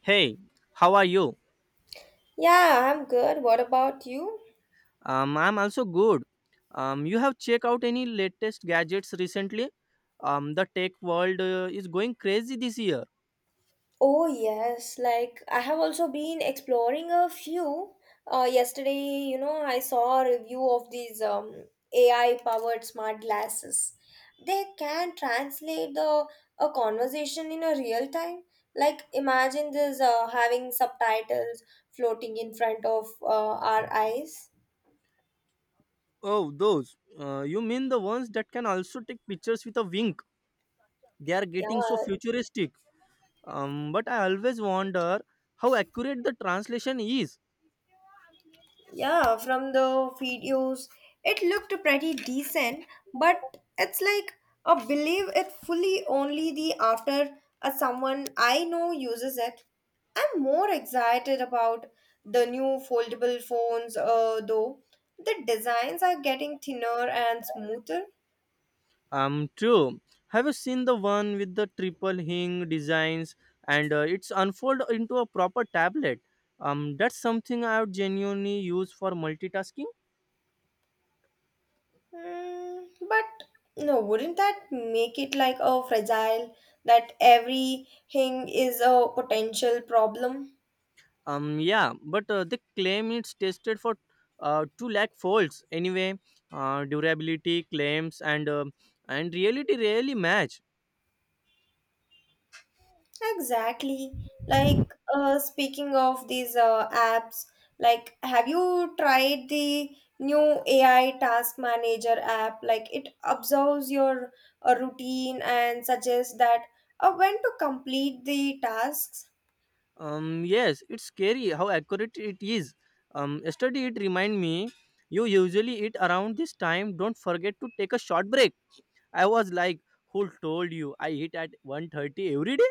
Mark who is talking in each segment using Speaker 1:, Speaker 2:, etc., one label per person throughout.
Speaker 1: Hey, how are you?
Speaker 2: Yeah, I'm good. What about you?
Speaker 1: I'm also good. You have checked out any latest gadgets recently? The tech world is going crazy this year.
Speaker 2: Oh, yes. Like, I have also been exploring a few. Yesterday, you know, I saw a review of these AI powered smart glasses. They can translate the a conversation in a real time. Like, imagine this having subtitles floating in front of our eyes.
Speaker 1: Oh, those. You mean the ones that can also take pictures with a wink? They are
Speaker 2: Yeah,
Speaker 1: getting so futuristic. But I always wonder how accurate the translation is.
Speaker 2: Yeah, From the videos, it looked pretty decent, but it's like I believe it fully only the after a someone I know uses it. I'm more excited about the new foldable phones, though the designs are getting thinner and smoother.
Speaker 1: True. Have you seen the one with the triple hing designs and it's unfold into a proper tablet? That's something I would genuinely use for multitasking.
Speaker 2: But no, wouldn't that make it like a fragile that everything is a potential problem?
Speaker 1: Yeah, but they claim it's tested for two lakh folds anyway. Durability claims and and reality rarely match.
Speaker 2: Exactly. Like, speaking of these apps, like have you tried the new AI task manager app? Like it observes your routine and suggests that when to complete the tasks.
Speaker 1: Yes, it's scary how accurate it is. Yesterday it remind me you usually eat around this time. Don't forget to take a short break. I was like, who told you I hit at 130 every day?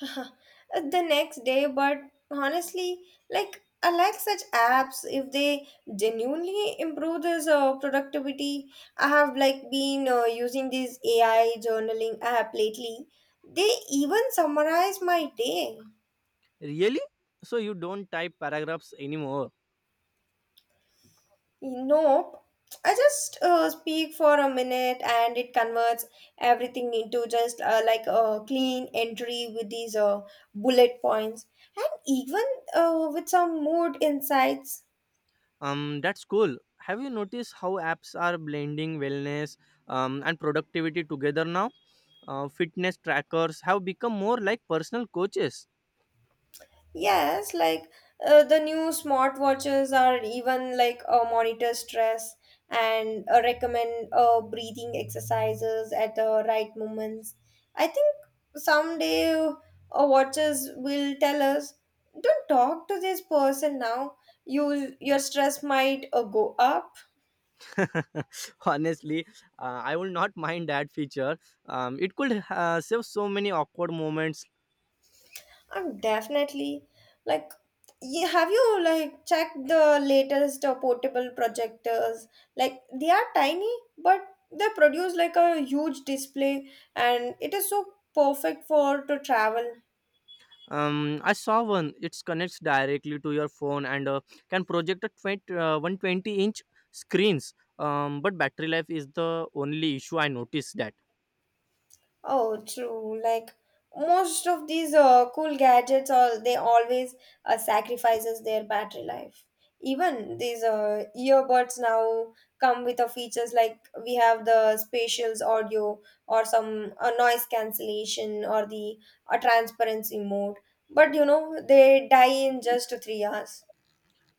Speaker 2: Huh. The next day, but honestly, like, I like such apps if they genuinely improve this productivity. I have like been using this AI journaling app lately. They even summarize my day.
Speaker 1: Really? So you don't type paragraphs anymore.
Speaker 2: Nope, I just speak for a minute and it converts everything into just like a clean entry with these bullet points, and even with some mood insights.
Speaker 1: That's cool. Have you noticed how apps are blending wellness and productivity together now? Fitness trackers have become more like personal coaches.
Speaker 2: Yes, like, the new smartwatches are even like monitor stress and recommend breathing exercises at the right moments. I think someday, watches will tell us, don't talk to this person now. You your stress might go up.
Speaker 1: Honestly, I will not mind that feature. It could save so many awkward moments.
Speaker 2: Definitely. Like, you, have you like checked the latest portable projectors? Like, they are tiny, but they produce like a huge display, and it is so perfect for to travel.
Speaker 1: I saw one. It connects directly to your phone and can project a 120-inch screens. But battery life is the only issue I noticed that.
Speaker 2: Oh, true. Like, most of these cool gadgets, all they always sacrifices their battery life. Even these earbuds now come with a features like we have the spatial audio or some noise cancellation or the transparency mode. But you know they die in just three hours.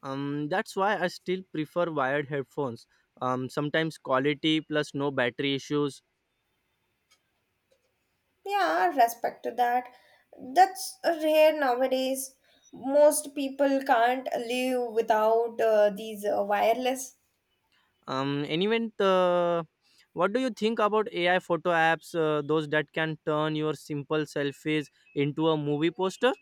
Speaker 1: That's why I still prefer wired headphones. Sometimes quality plus no battery issues.
Speaker 2: Yeah, respect to that. That's rare nowadays. Most people can't live without these wireless.
Speaker 1: Anyway, what do you think about AI photo apps? Those that can turn your simple selfies into a movie poster.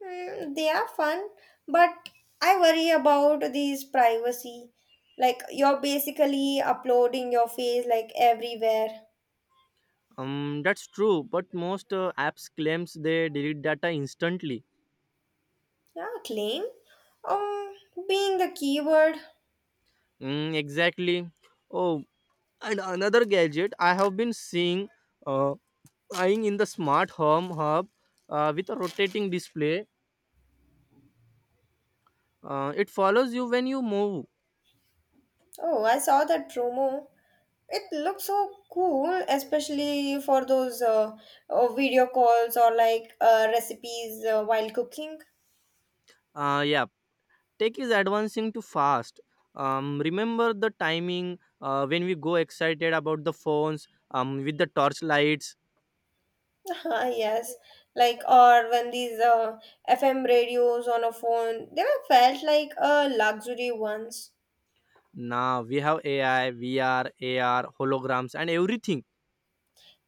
Speaker 2: Mm, they are fun, but I worry about these privacy. Like, you're basically uploading your face like everywhere.
Speaker 1: That's true, but most apps claims they delete data instantly.
Speaker 2: Yeah, claim. Um, being the keyword.
Speaker 1: Mm, exactly. Oh, and another gadget I have been seeing uh, eyeing in the smart home hub with a rotating display. It follows you when you move.
Speaker 2: Oh, I saw that promo. It looks so cool, especially for those video calls or like recipes while cooking.
Speaker 1: Yeah, tech is advancing too fast. Remember the timing when we go excited about the phones with the torch lights.
Speaker 2: Ah yes, like or when these FM radios on a phone, they were felt like a luxury once.
Speaker 1: Now we have AI, VR, AR, holograms, and everything.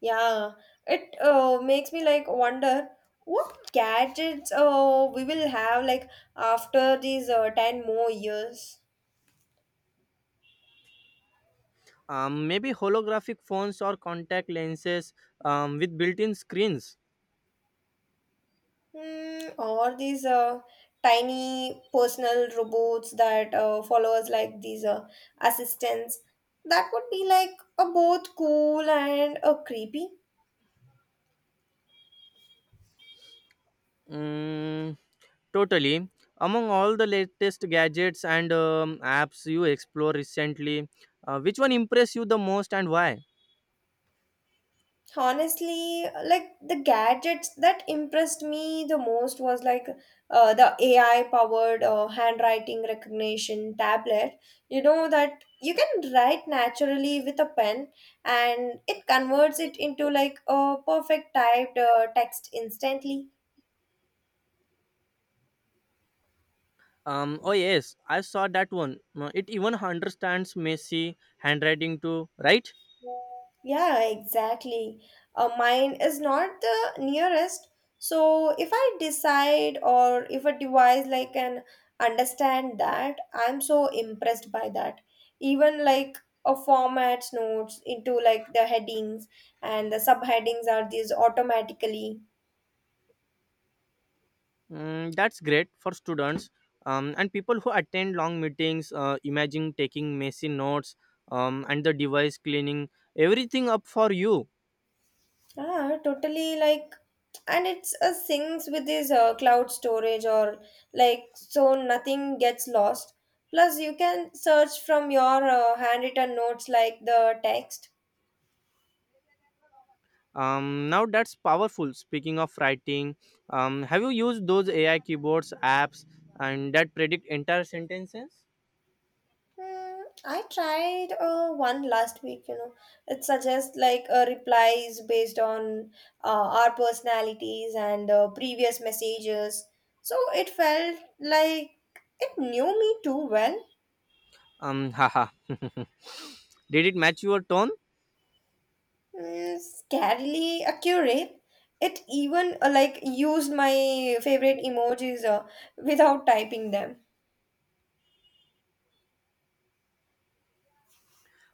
Speaker 2: Yeah, it makes me like wonder what gadgets we will have like after these 10 more years.
Speaker 1: Maybe holographic phones or contact lenses with built-in screens.
Speaker 2: Mm, or these tiny personal robots that follow us like these assistants. That would be like a both cool and a creepy.
Speaker 1: Mm, totally. Among all the latest gadgets and apps you explore recently, which one impressed you the most and why?
Speaker 2: Honestly, like the gadgets that impressed me the most was like the AI powered handwriting recognition tablet. You know that you can write naturally with a pen and it converts it into like a perfect typed text instantly.
Speaker 1: Oh yes, I saw that one. It even understands messy handwriting too, right?
Speaker 2: Yeah, exactly. Mine is not the nearest. So if I decide or if a device like can understand that, I'm so impressed by that. Even like a formats notes into like the headings and the subheadings are these automatically.
Speaker 1: Mm, that's great for students and people who attend long meetings. Imagine taking messy notes and the device cleaning everything up for you.
Speaker 2: Ah, totally, like, and it's a syncs with this cloud storage or like, so nothing gets lost. Plus, you can search from your handwritten notes like the text.
Speaker 1: Now that's powerful. Speaking of writing, have you used those AI keyboards apps and that predict entire sentences?
Speaker 2: Hmm, I tried one last week, you know. It suggests like replies based on uh, our personalities and previous messages. So it felt like it knew me too well.
Speaker 1: Haha Did it match your tone?
Speaker 2: Mm, scarily accurate. It even like used my favorite emojis without typing them.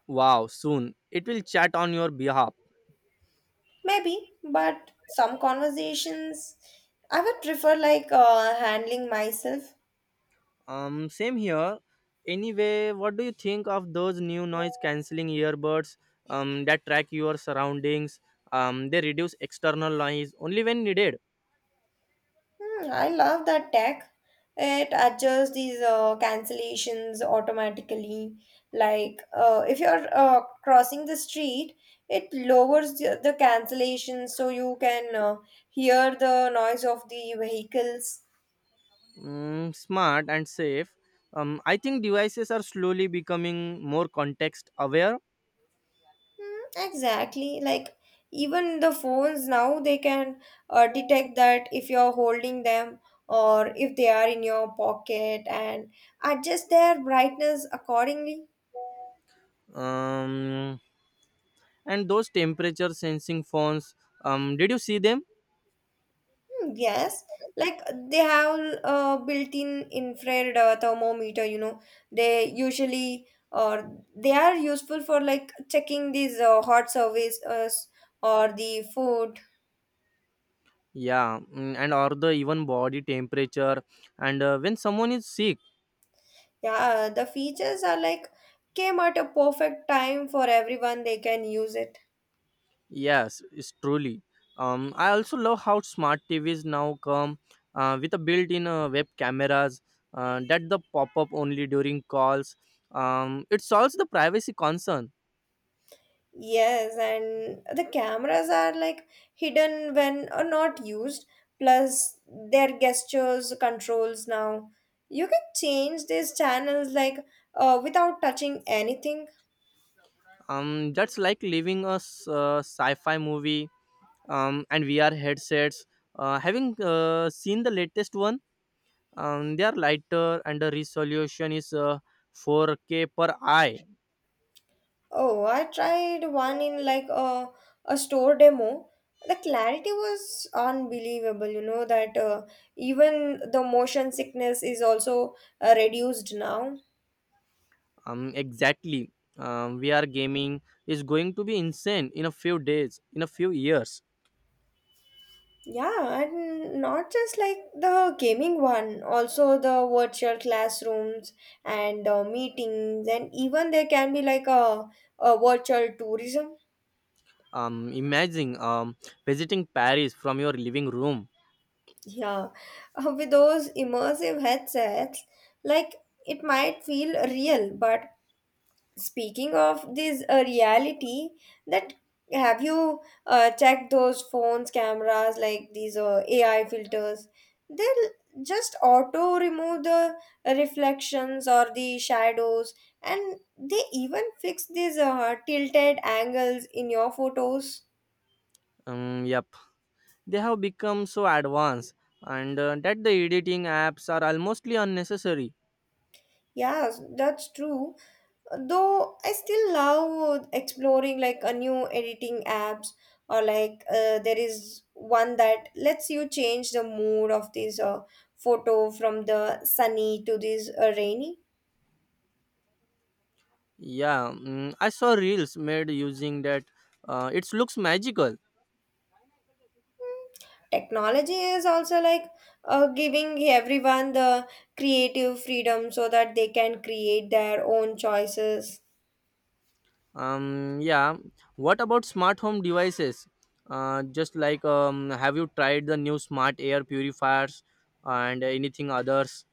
Speaker 1: Wow, soon it will chat on your behalf.
Speaker 2: Maybe, but some conversations I would prefer like handling myself.
Speaker 1: Same here. Anyway, what do you think of those new noise cancelling earbuds that track your surroundings? They reduce external noise only when needed.
Speaker 2: Hmm, I love that tech. It adjusts these cancellations automatically. Like, if you're crossing the street, it lowers the cancellation so you can hear the noise of the vehicles.
Speaker 1: Mm, smart and safe. I think devices are slowly becoming more context aware.
Speaker 2: Mm, exactly. Like, even the phones now, they can detect that if you're holding them or if they are in your pocket and adjust their brightness accordingly.
Speaker 1: Um, and those temperature sensing phones, did you see them?
Speaker 2: Hmm, yes. Like, they have a built-in infrared thermometer, you know. They usually or they are useful for like checking these hot surfaces or the food.
Speaker 1: Yeah, mm, and or the even body temperature. And when someone is sick,
Speaker 2: Yeah, the features are like came at a perfect time for everyone, they can use it.
Speaker 1: yes, it's truly. I also love how smart TVs now come with a built-in web cameras that the pop up only during calls. It solves the privacy concern.
Speaker 2: Yes, and the cameras are like hidden when or not used, plus their gestures controls now. You can change these channels like without touching anything.
Speaker 1: That's like leaving a sci-fi movie. And VR headsets, having seen the latest one, they are lighter and the resolution is 4K per eye.
Speaker 2: Oh, I tried one in a store demo. The clarity was unbelievable, you know, that even the motion sickness is also reduced now.
Speaker 1: Exactly. VR gaming is going to be insane in a few years.
Speaker 2: Yeah, and not just like the gaming one, also the virtual classrooms and the meetings, and even there can be like a virtual tourism.
Speaker 1: Imagine visiting Paris from your living room.
Speaker 2: Yeah, with those immersive headsets, like it might feel real, but speaking of this reality, that have you checked those phones cameras like these AI filters? They'll just auto remove the reflections or the shadows, and they even fix these tilted angles in your photos.
Speaker 1: Yep, they have become so advanced and that the editing apps are almostly unnecessary.
Speaker 2: Yes, that's true. Though, I still love exploring like a new editing apps, or like there is one that lets you change the mood of this photo from the sunny to this rainy.
Speaker 1: Yeah, mm, I saw reels made using that. It looks magical.
Speaker 2: Technology is also like giving everyone the creative freedom so that they can create their own choices.
Speaker 1: Yeah. What about smart home devices? Just like Have you tried the new smart air purifiers and anything others?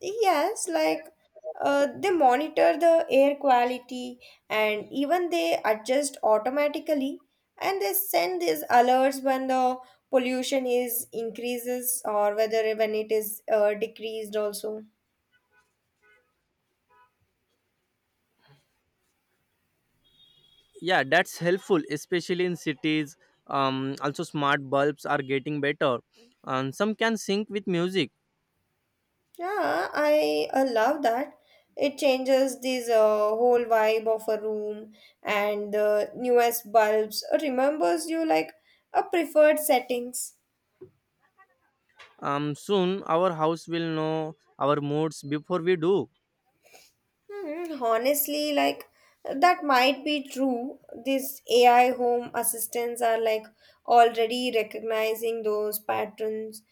Speaker 2: Yes, like, they monitor the air quality and even they adjust automatically, and they send these alerts when the pollution is increases or whether when it is decreased also.
Speaker 1: Yeah, that's helpful, especially in cities. Also smart bulbs are getting better. Some can sync with music.
Speaker 2: Yeah, I love that. It changes this whole vibe of a room, and the newest bulbs remembers you like a preferred settings.
Speaker 1: Soon our house will know our moods before we do.
Speaker 2: Hmm, honestly, like that might be true. These AI home assistants are like already recognizing those patterns.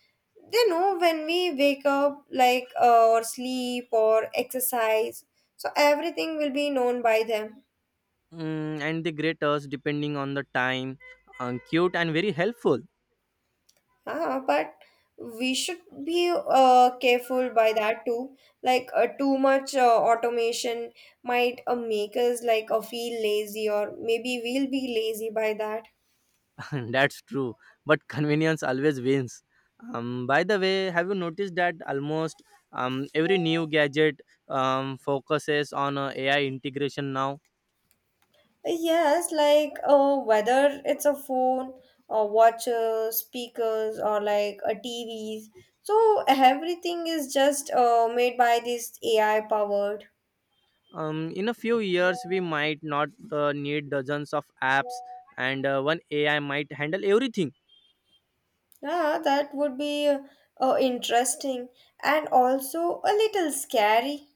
Speaker 2: They know when we wake up, like, or sleep, or exercise. So everything will be known by them.
Speaker 1: Mm, and the graters depending on the time, cute and very helpful.
Speaker 2: Ah, but we should be careful by that too. Like, too much automation might make us like feel lazy, or maybe we'll be lazy by that.
Speaker 1: That's true, but convenience always wins. By the way, have you noticed that almost every new gadget focuses on AI integration now?
Speaker 2: Yes, like, whether it's a phone or watches, speakers, or like a TVs. So everything is just made by this AI powered.
Speaker 1: In a few years we might not need dozens of apps and one AI might handle everything.
Speaker 2: Yeah, that would be interesting and also a little scary.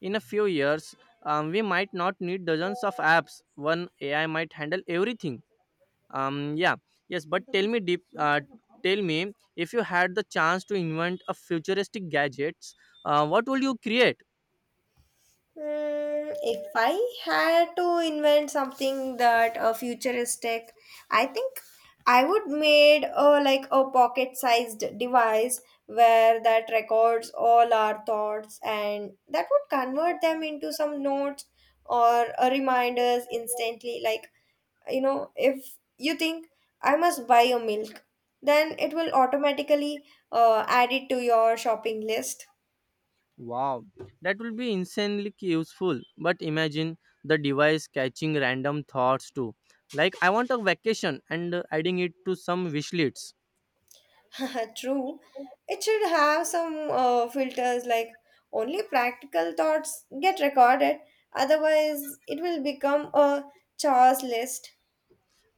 Speaker 1: In a few years we might not need dozens of apps. One AI might handle everything. Yeah, yes, but tell me if you had the chance to invent a futuristic gadgets, what will you create?
Speaker 2: Mm, if I had to invent something that a futuristic, I think I would made a like a pocket-sized device where that records all our thoughts and that would convert them into some notes or reminders instantly. Like, you know, if you think I must buy a milk, then it will automatically add it to your shopping list.
Speaker 1: Wow, that will be insanely useful, but imagine the device catching random thoughts too, like I want a vacation and adding it to some wish lists.
Speaker 2: True. It should have some filters like only practical thoughts get recorded, otherwise, it will become a chores list.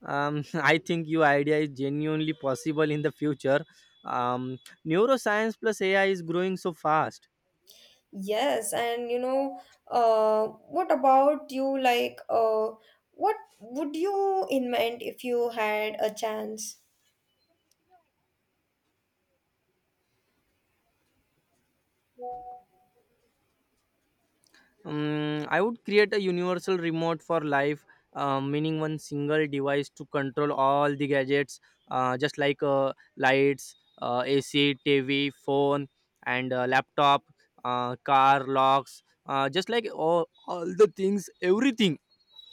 Speaker 1: I think your idea is genuinely possible in the future. um, Neuroscience plus AI is growing so fast.
Speaker 2: Yes, and you know, what about you? Like, what would you invent if you had a chance?
Speaker 1: I would create a universal remote for life, meaning one single device to control all the gadgets, just like lights, AC, TV, phone, and laptop, car, locks, just like all the things, everything.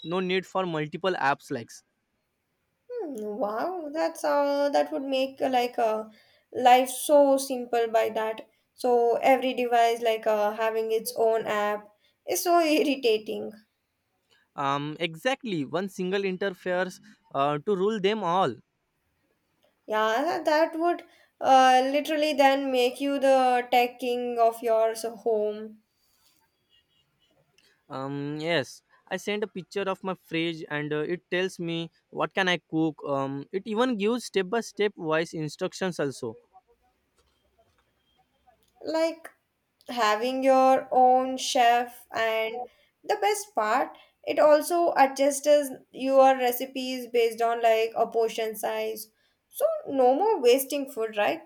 Speaker 1: No need for multiple apps likes.
Speaker 2: Hmm, wow, that would make like life so simple by that. So every device like having its own app is so irritating.
Speaker 1: Exactly, one single interface to rule them all.
Speaker 2: Yeah, that would literally then make you the tech king of your home.
Speaker 1: Yes, I sent a picture of my fridge and it tells me what can I cook. It even gives step by step wise instructions also.
Speaker 2: Like having your own chef, and the best part, it also adjusts your recipes based on like a portion size. So no more wasting food, right?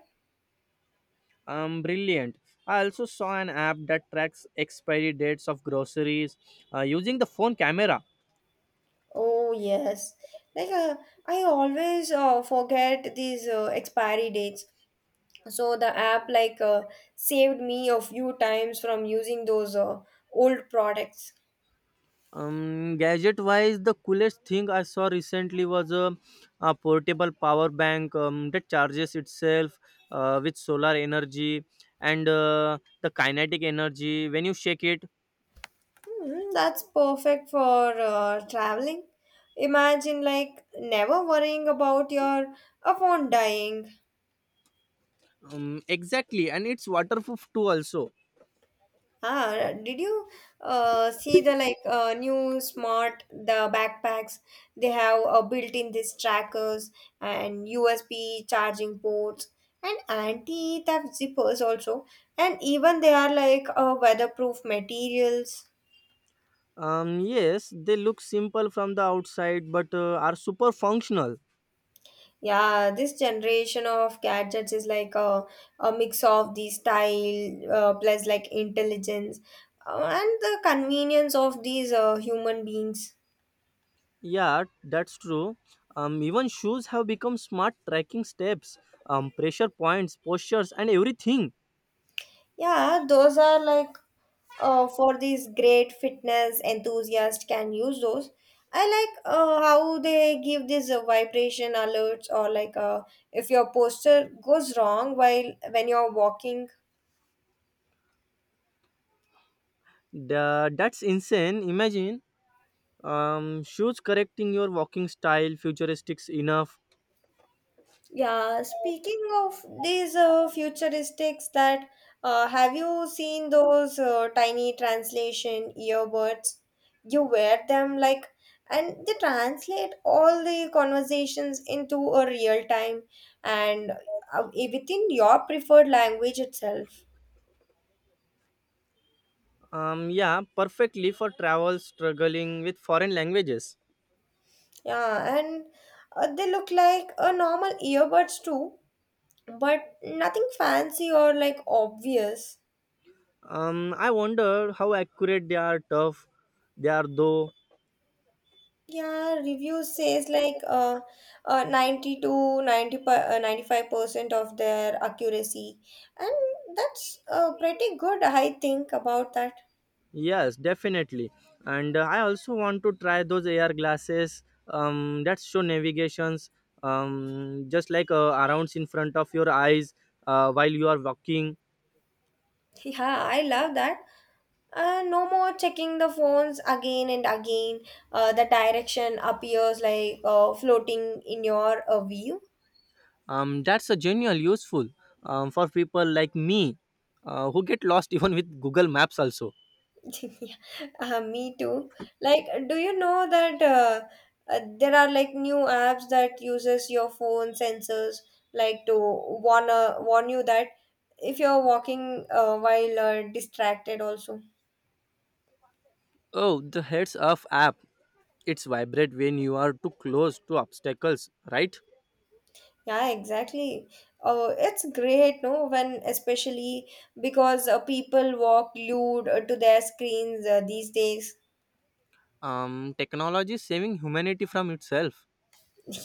Speaker 1: Brilliant. I also saw an app that tracks expiry dates of groceries using the phone camera.
Speaker 2: Oh yes, like I always forget these expiry dates. So the app like saved me a few times from using those old products.
Speaker 1: Gadget wise, the coolest thing I saw recently was a portable power bank that charges itself with solar energy and the kinetic energy when you shake it.
Speaker 2: Hmm, that's perfect for traveling. Imagine like never worrying about your phone dying.
Speaker 1: Exactly, and it's waterproof too. Also,
Speaker 2: Ah, did you see the like new smart the backpacks? They have built-in these trackers and USB charging ports and anti-theft zippers also, and even they are like weatherproof materials.
Speaker 1: yes, they look simple from the outside, but are super functional.
Speaker 2: Yeah, this generation of gadgets is like a mix of the style plus like intelligence and the convenience of these human beings.
Speaker 1: Yeah, that's true. Even shoes have become smart tracking steps, pressure points, postures, and everything.
Speaker 2: Yeah, those are like for these great fitness enthusiasts can use those. I like how they give these vibration alerts or like if your posture goes wrong while when you're walking.
Speaker 1: That's insane. Imagine shoes correcting your walking style, futuristic enough.
Speaker 2: Yeah, speaking of these futuristics that have you seen those tiny translation earbuds? You wear them like, and they translate all the conversations into a real time and within your preferred language itself.
Speaker 1: Yeah, perfectly for travel, struggling with foreign languages.
Speaker 2: Yeah, and they look like a normal earbuds too, but nothing fancy or like obvious.
Speaker 1: I wonder how accurate they are. Tough they are, though.
Speaker 2: Yeah, reviews says like, 90 to 95% of their accuracy, and that's pretty good I think about that.
Speaker 1: Yes, definitely. And I also want to try those AR glasses that show navigations, just like arounds in front of your eyes while you are walking.
Speaker 2: Yeah, I love that. No more checking the phones again and again. The direction appears like floating in your view.
Speaker 1: That's a genuine useful for people like me who get lost even with Google Maps also.
Speaker 2: Yeah, me too. Like, do you know that there are like new apps that uses your phone sensors like to warn you that if you're walking while distracted also.
Speaker 1: Oh, the Heads Up app. It's vibrate when you are too close to obstacles, right?
Speaker 2: Yeah, exactly. Oh, it's great, no? When especially because people walk glued to their screens these days.
Speaker 1: Technology is saving humanity from itself.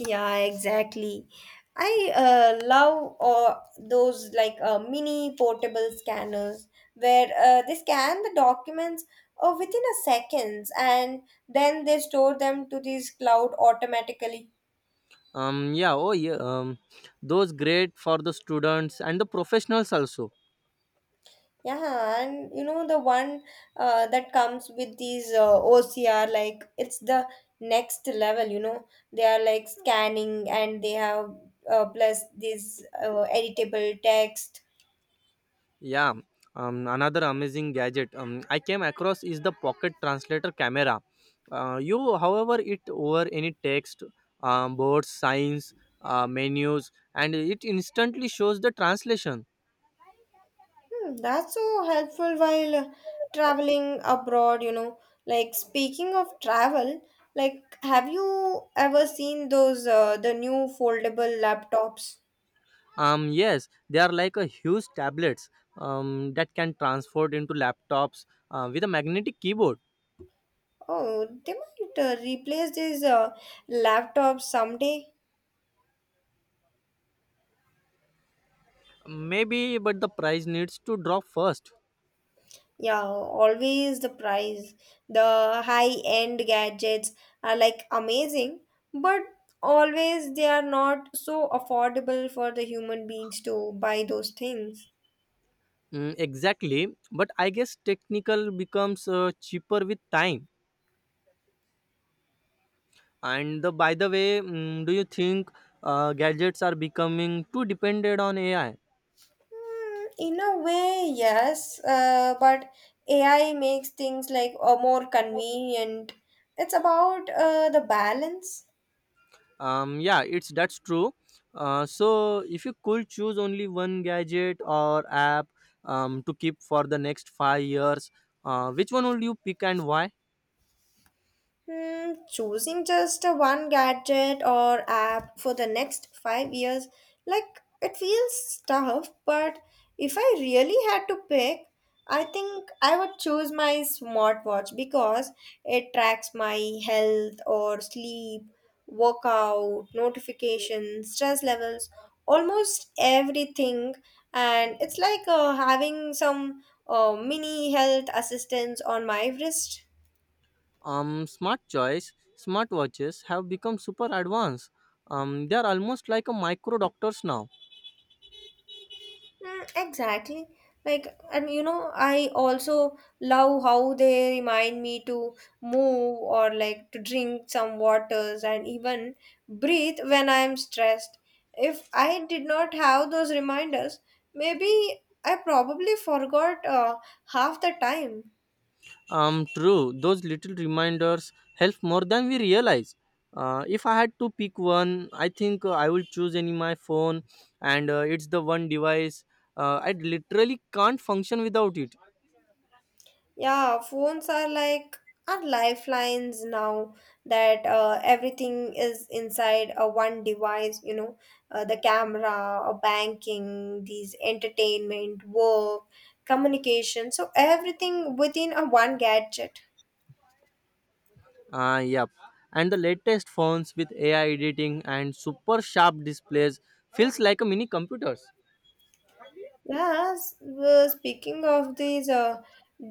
Speaker 2: Yeah, exactly. I love those like mini portable scanners where they scan the documents within a seconds and then they store them to this cloud automatically.
Speaker 1: Um yeah oh yeah um those great for the students and the professionals also.
Speaker 2: Yeah, and you know the one that comes with these OCR like it's the next level. You know they are like scanning and they have plus this editable text.
Speaker 1: yeah Another amazing gadget, I came across is the pocket translator camera. You however it over any text, boards signs, menus, and it instantly shows the translation.
Speaker 2: Hmm. That's so helpful while traveling abroad, you know. Like speaking of travel, like have you ever seen those the new foldable laptops?
Speaker 1: Yes, they are like a huge tablets that can transport into laptops with a magnetic keyboard.
Speaker 2: Oh, they might replace these laptops someday.
Speaker 1: Maybe, but the price needs to drop first.
Speaker 2: Yeah, always the price. The high-end gadgets are like amazing, but always they are not so affordable for the human beings to buy those things.
Speaker 1: Mm, exactly, but I guess technical becomes cheaper with time. By the way, do you think gadgets are becoming too dependent on AI?
Speaker 2: Mm, in a way, yes, but AI makes things like more convenient. It's about the balance.
Speaker 1: Um, yeah it's that's true. So if you could choose only one gadget or app to keep for the next 5 years, which one would you pick and why?
Speaker 2: Hmm, choosing just a one gadget or app for the next 5 years, like it feels tough, but if I really had to pick, I think I would choose my smartwatch because it tracks my health or sleep, workout, notifications, stress levels, almost everything. And it's like having some mini health assistance on my wrist.
Speaker 1: Smart choice. Smartwatches have become super advanced. They are almost like a micro doctors now.
Speaker 2: Mm, exactly. Like, and you know, I also love how they remind me to move or like to drink some waters and even breathe when I am stressed. If I did not have those reminders, maybe I probably forgot half the time.
Speaker 1: True, those little reminders help more than we realize. Uh, if I had to pick one I think I will choose any my phone and it's the one device I literally can't function without it.
Speaker 2: Yeah, phones are like our lifelines now that everything is inside a one device, you know, the camera, banking, these entertainment, work, communication. So everything within a one gadget.
Speaker 1: Yep, and the latest phones with AI editing and super sharp displays feels like a mini computers.
Speaker 2: Yes, speaking of these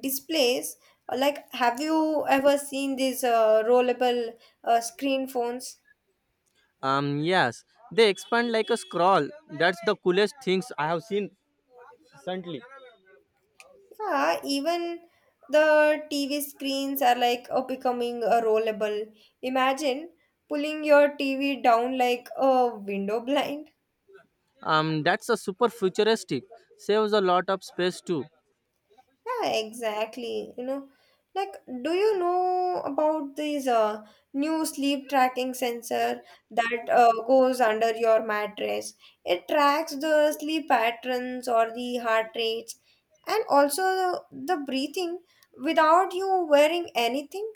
Speaker 2: displays, like have you ever seen these rollable screen phones?
Speaker 1: Yes, they expand like a scroll. That's the coolest things I have seen recently.
Speaker 2: Yeah, even the TV screens are like becoming a rollable. Imagine pulling your TV down like a window blind.
Speaker 1: That's a super futuristic. Saves a lot of space too.
Speaker 2: Yeah, exactly. You know, like do you know about this new sleep tracking sensor that goes under your mattress? It tracks the sleep patterns or the heart rates and also the breathing without you wearing anything.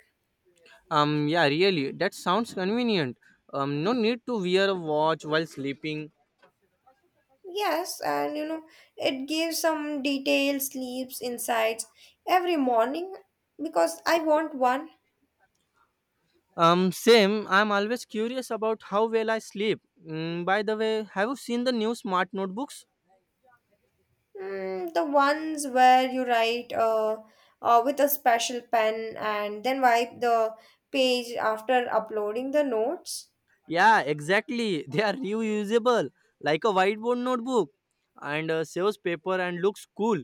Speaker 1: Yeah, really, that sounds convenient. No need to wear a watch while sleeping.
Speaker 2: Yes, and you know, it gives some detailed sleeps insights every morning because I want one.
Speaker 1: Same. I'm always curious about how well I sleep. Mm, by the way, have you seen the new smart notebooks?
Speaker 2: Mm, the ones where you write with a special pen and then wipe the page after uploading the notes.
Speaker 1: Yeah, exactly. They are reusable, like a whiteboard notebook, and saves paper and looks cool.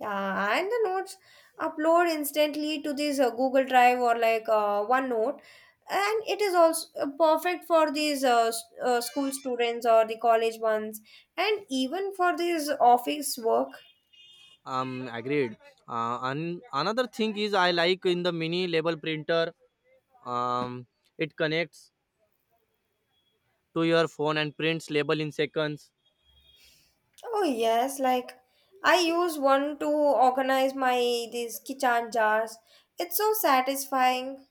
Speaker 2: Yeah, and the notes upload instantly to this Google Drive or like OneNote, and it is also perfect for these school students or the college ones, and even for these office work.
Speaker 1: Agreed. And another thing is I like in the mini label printer. Um, it connects to your phone and prints label in seconds.
Speaker 2: Oh yes, like I use one to organize my these kitchen jars. It's so satisfying.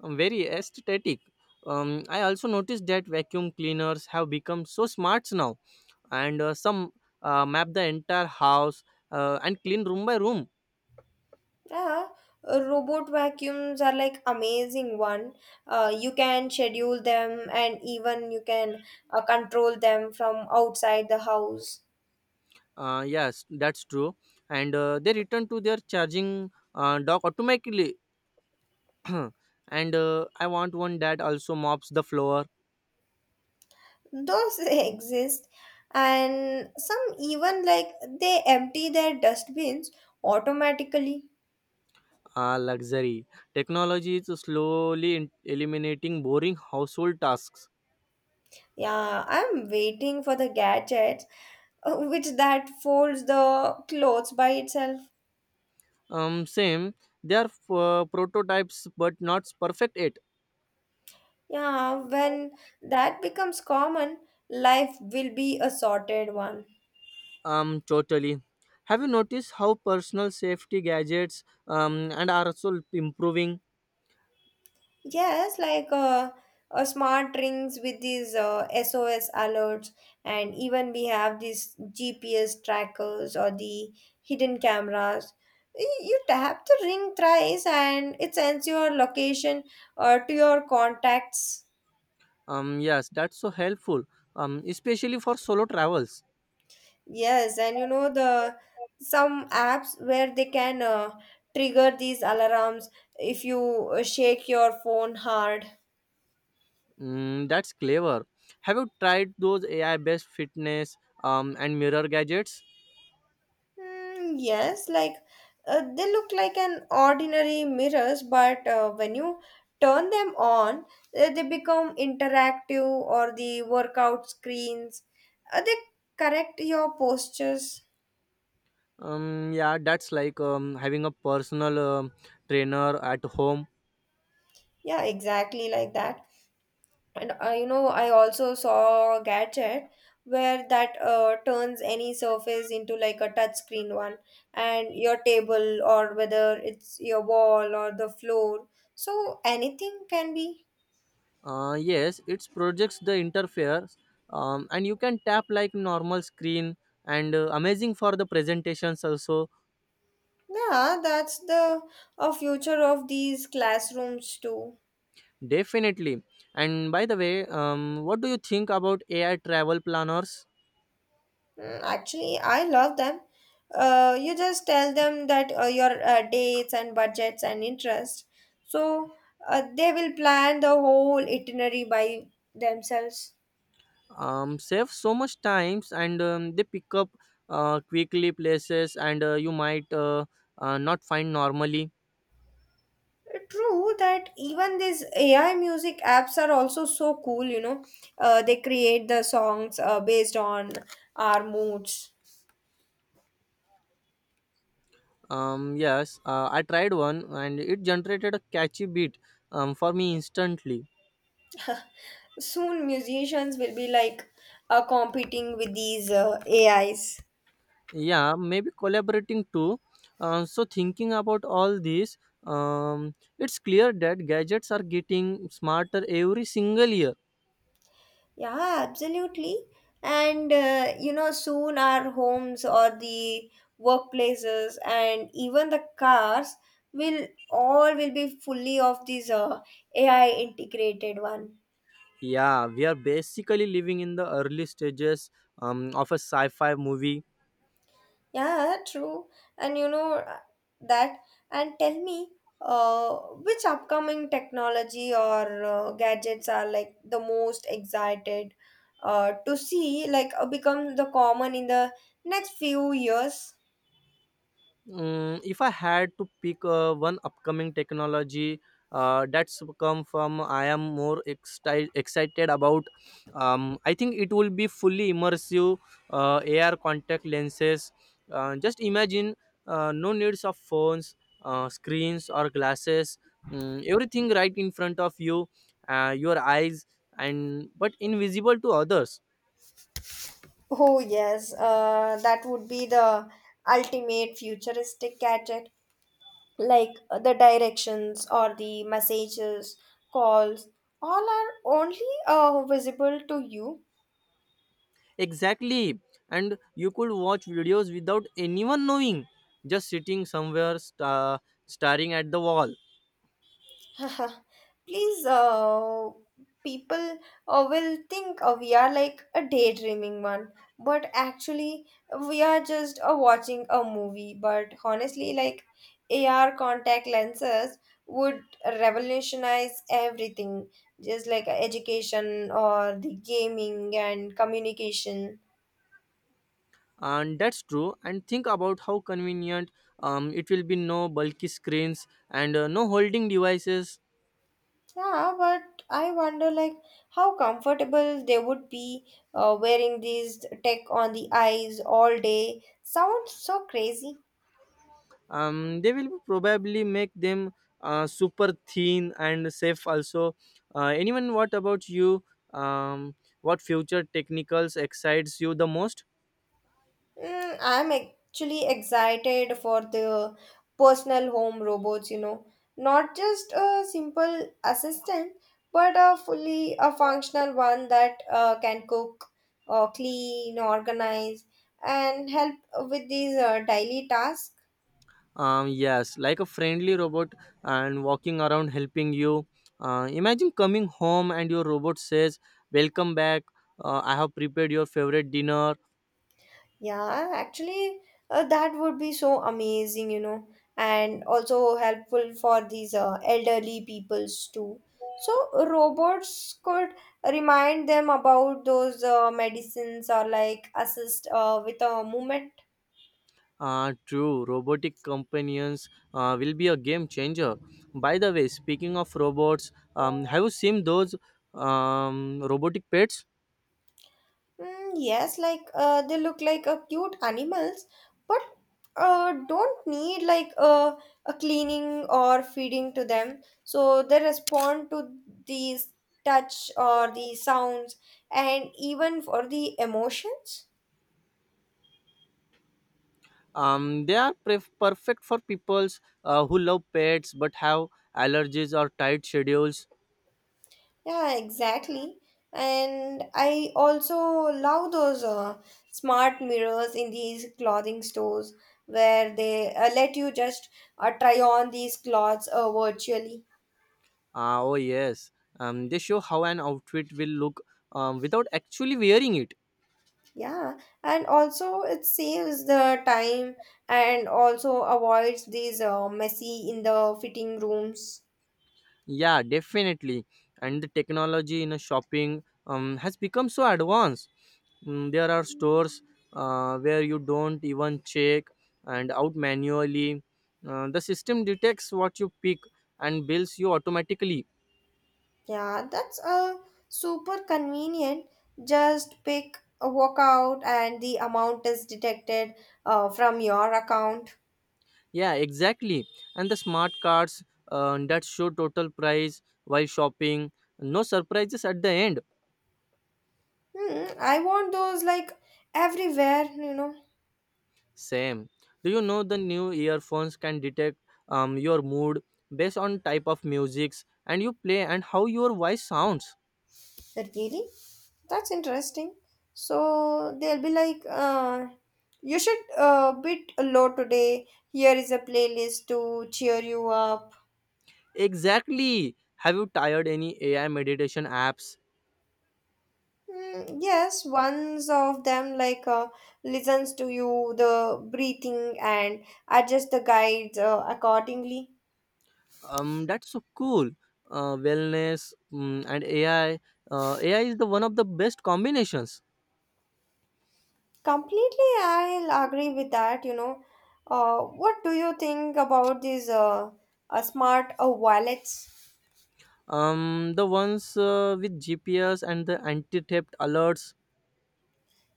Speaker 1: Very aesthetic. I also noticed that vacuum cleaners have become so smart now, and some map the entire house and clean room by room.
Speaker 2: Yeah, robot vacuums are like amazing one. You can schedule them and even you can control them from outside the house.
Speaker 1: Yes, that's true. And they return to their charging dock automatically. And I want one that also mops the floor.
Speaker 2: Those exist. And some even like they empty their dustbins automatically.
Speaker 1: Ah, luxury. Technology is slowly eliminating boring household tasks.
Speaker 2: Yeah, I'm waiting for the gadget which that folds the clothes by itself.
Speaker 1: Same. They are prototypes, but not perfect yet.
Speaker 2: Yeah, when that becomes common, life will be a sorted one.
Speaker 1: Totally. Have you noticed how personal safety gadgets and are also improving?
Speaker 2: Yes, like smart rings with these SOS alerts, and even we have these GPS trackers or the hidden cameras. You tap the ring thrice, and it sends your location to your contacts.
Speaker 1: Yes, that's so helpful. Especially for solo travels.
Speaker 2: Yes, and you know the some apps where they can trigger these alarms if you shake your phone hard.
Speaker 1: Mm, that's clever. Have you tried those AI-based fitness and mirror gadgets?
Speaker 2: Mm, yes, like they look like an ordinary mirrors, but when you turn them on, they become interactive or the workout screens. They correct your postures.
Speaker 1: Yeah, that's like having a personal trainer at home.
Speaker 2: Yeah, exactly like that. And you know, I also saw a gadget where that turns any surface into like a touch screen one, and your table or whether it's your wall or the floor. So anything can be.
Speaker 1: Yes, it projects the interface, and you can tap like normal screen and amazing for the presentations also
Speaker 2: Yeah, that's the a future of these classrooms too.
Speaker 1: definitely. And by the way, what do you think about AI travel planners?
Speaker 2: Mm, actually, I love them. You just tell them that your dates and budgets and interest, so they will plan the whole itinerary by themselves.
Speaker 1: Save so much times and they pick up quickly places and you might not find normally.
Speaker 2: True that even these AI music apps are also so cool. You know, they create the songs based on our moods.
Speaker 1: Yes, I tried one and it generated a catchy beat for me instantly.
Speaker 2: Soon musicians will be like competing with these AIs.
Speaker 1: Yeah, maybe collaborating too. So, thinking about all this, it's clear that gadgets are getting smarter every single year.
Speaker 2: Yeah, absolutely. And you know, soon our homes or the workplaces and even the cars will all will be fully of these AI integrated one.
Speaker 1: Yeah, we are basically living in the early stages of a sci fi movie.
Speaker 2: Yeah, true. And you know that. And tell me, uh, which upcoming technology or gadgets are like the most excited to see, like become the common in the next few years?
Speaker 1: If I had to pick one upcoming technology that's come from, I am more excited about. I think it will be fully immersive AR contact lenses. Just imagine no needs of phones, screens, or glasses. Everything right in front of you, your eyes, and but invisible to others.
Speaker 2: Oh, yes, that would be the ultimate futuristic gadget, like the directions or the messages, calls, all are only visible to you.
Speaker 1: Exactly. And you could watch videos without anyone knowing, just sitting somewhere staring at the wall.
Speaker 2: Please, people will think we are like a daydreaming one, but actually, we are just watching a movie. But honestly, like AR contact lenses would revolutionize everything, just like education or the gaming and communication.
Speaker 1: And that's true. And think about how convenient it will be no bulky screens and no holding devices.
Speaker 2: Yeah, but I wonder like how comfortable they would be wearing these tech on the eyes all day. Sounds so crazy.
Speaker 1: They will probably make them super thin and safe also. Anyone, what about you? Um, what future technicals excites you the most?
Speaker 2: Mm, I'm actually excited for the personal home robots, you know, not just a simple assistant, but a fully a functional one that can cook, clean, organize, and help with these daily tasks.
Speaker 1: Yes, like a friendly robot and walking around helping you. Imagine coming home and your robot says, welcome back. I have prepared your favorite dinner.
Speaker 2: Yeah, actually, that would be so amazing, you know, and also helpful for these elderly peoples too. So robots could remind them about those medicines or like assist with a movement.
Speaker 1: True, robotic companions will be a game changer. By the way, speaking of robots, have you seen those robotic pets?
Speaker 2: Mm, yes, like they look like cute animals, but don't need like a cleaning or feeding to them. So they respond to these touch or the sounds and even for the emotions.
Speaker 1: They are perfect for peoples who love pets but have allergies or tight schedules.
Speaker 2: Yeah, exactly. And I also love those smart mirrors in these clothing stores where they let you just try on these clothes virtually.
Speaker 1: Ah, oh yes. They show how an outfit will look without actually wearing it.
Speaker 2: Yeah, and also it saves the time and also avoids these messy in the fitting rooms.
Speaker 1: Yeah, definitely. And the technology in a shopping has become so advanced. There are stores where you don't even check and out manually. The system detects what you pick and bills you automatically.
Speaker 2: Yeah, that's super convenient. Just pick a workout and the amount is detected from your account.
Speaker 1: Yeah, exactly. And the smart cards that show total price while shopping. No surprises at the end.
Speaker 2: Hmm, I want those like everywhere, you know.
Speaker 1: Same. Do you know the new earphones can detect your mood based on type of musics and you play and how your voice sounds?
Speaker 2: Really? That's interesting. So they'll be like, you should bit low today. Here is a playlist to cheer you up.
Speaker 1: Exactly. Have you tried any AI meditation apps?
Speaker 2: Mm, yes, ones of them like listens to you, the breathing, and adjust the guides accordingly.
Speaker 1: That's so cool. Wellness and AI. AI is the one of the best combinations.
Speaker 2: Completely, I'll agree with that. You know, what do you think about these smart wallets?
Speaker 1: The ones with GPS and the anti-theft alerts.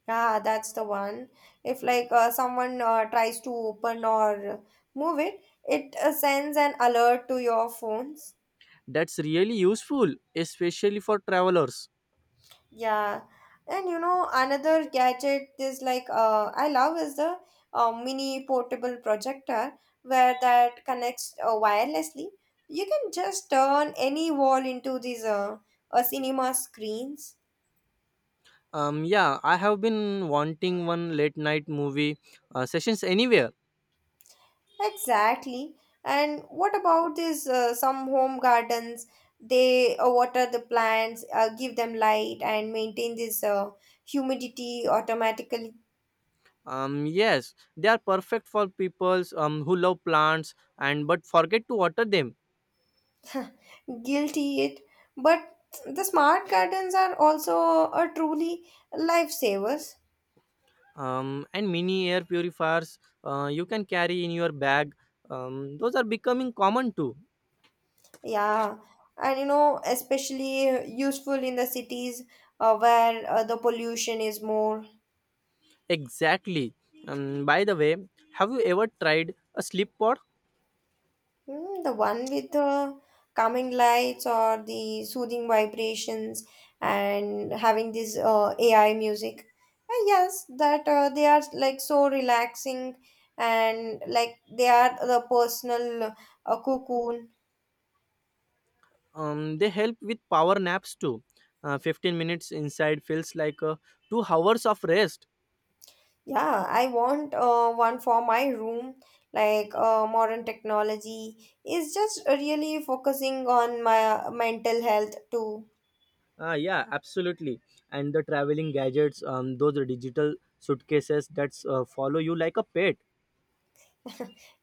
Speaker 2: Yeah, that's the one. If like someone tries to open or move it, it sends an alert to your phones.
Speaker 1: That's really useful, especially for travelers.
Speaker 2: Yeah, and you know another gadget is like I love is the mini portable projector where that connects wirelessly. You can just turn any wall into these cinema screens.
Speaker 1: Yeah, I have been wanting one late night movie sessions anywhere.
Speaker 2: Exactly. And what about this? Some home gardens, they water the plants, give them light, and maintain this humidity automatically.
Speaker 1: Yes, they are perfect for people who love plants and but forget to water them.
Speaker 2: Guilty it. But the smart gardens are also truly lifesavers.
Speaker 1: And mini air purifiers you can carry in your bag. Those are becoming common too.
Speaker 2: Yeah. And you know, especially useful in the cities where the pollution is more.
Speaker 1: Exactly. By the way, have you ever tried a sleep pod?
Speaker 2: Hmm, the one with the calming lights or the soothing vibrations and having this AI music. Yes, that they are like so relaxing and like they are the personal cocoon.
Speaker 1: They help with power naps too. 15 minutes inside feels like 2 hours of rest.
Speaker 2: Yeah, I want one for my room. Like modern technology is just really focusing on my mental health too.
Speaker 1: Ah, yeah, absolutely. And the traveling gadgets, those are digital suitcases that follow you like a pet.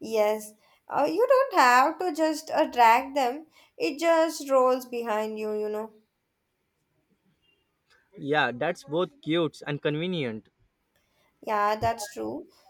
Speaker 2: Yes, you don't have to just drag them. It just rolls behind you, you know.
Speaker 1: Yeah, that's both cute and convenient.
Speaker 2: Yeah, that's true.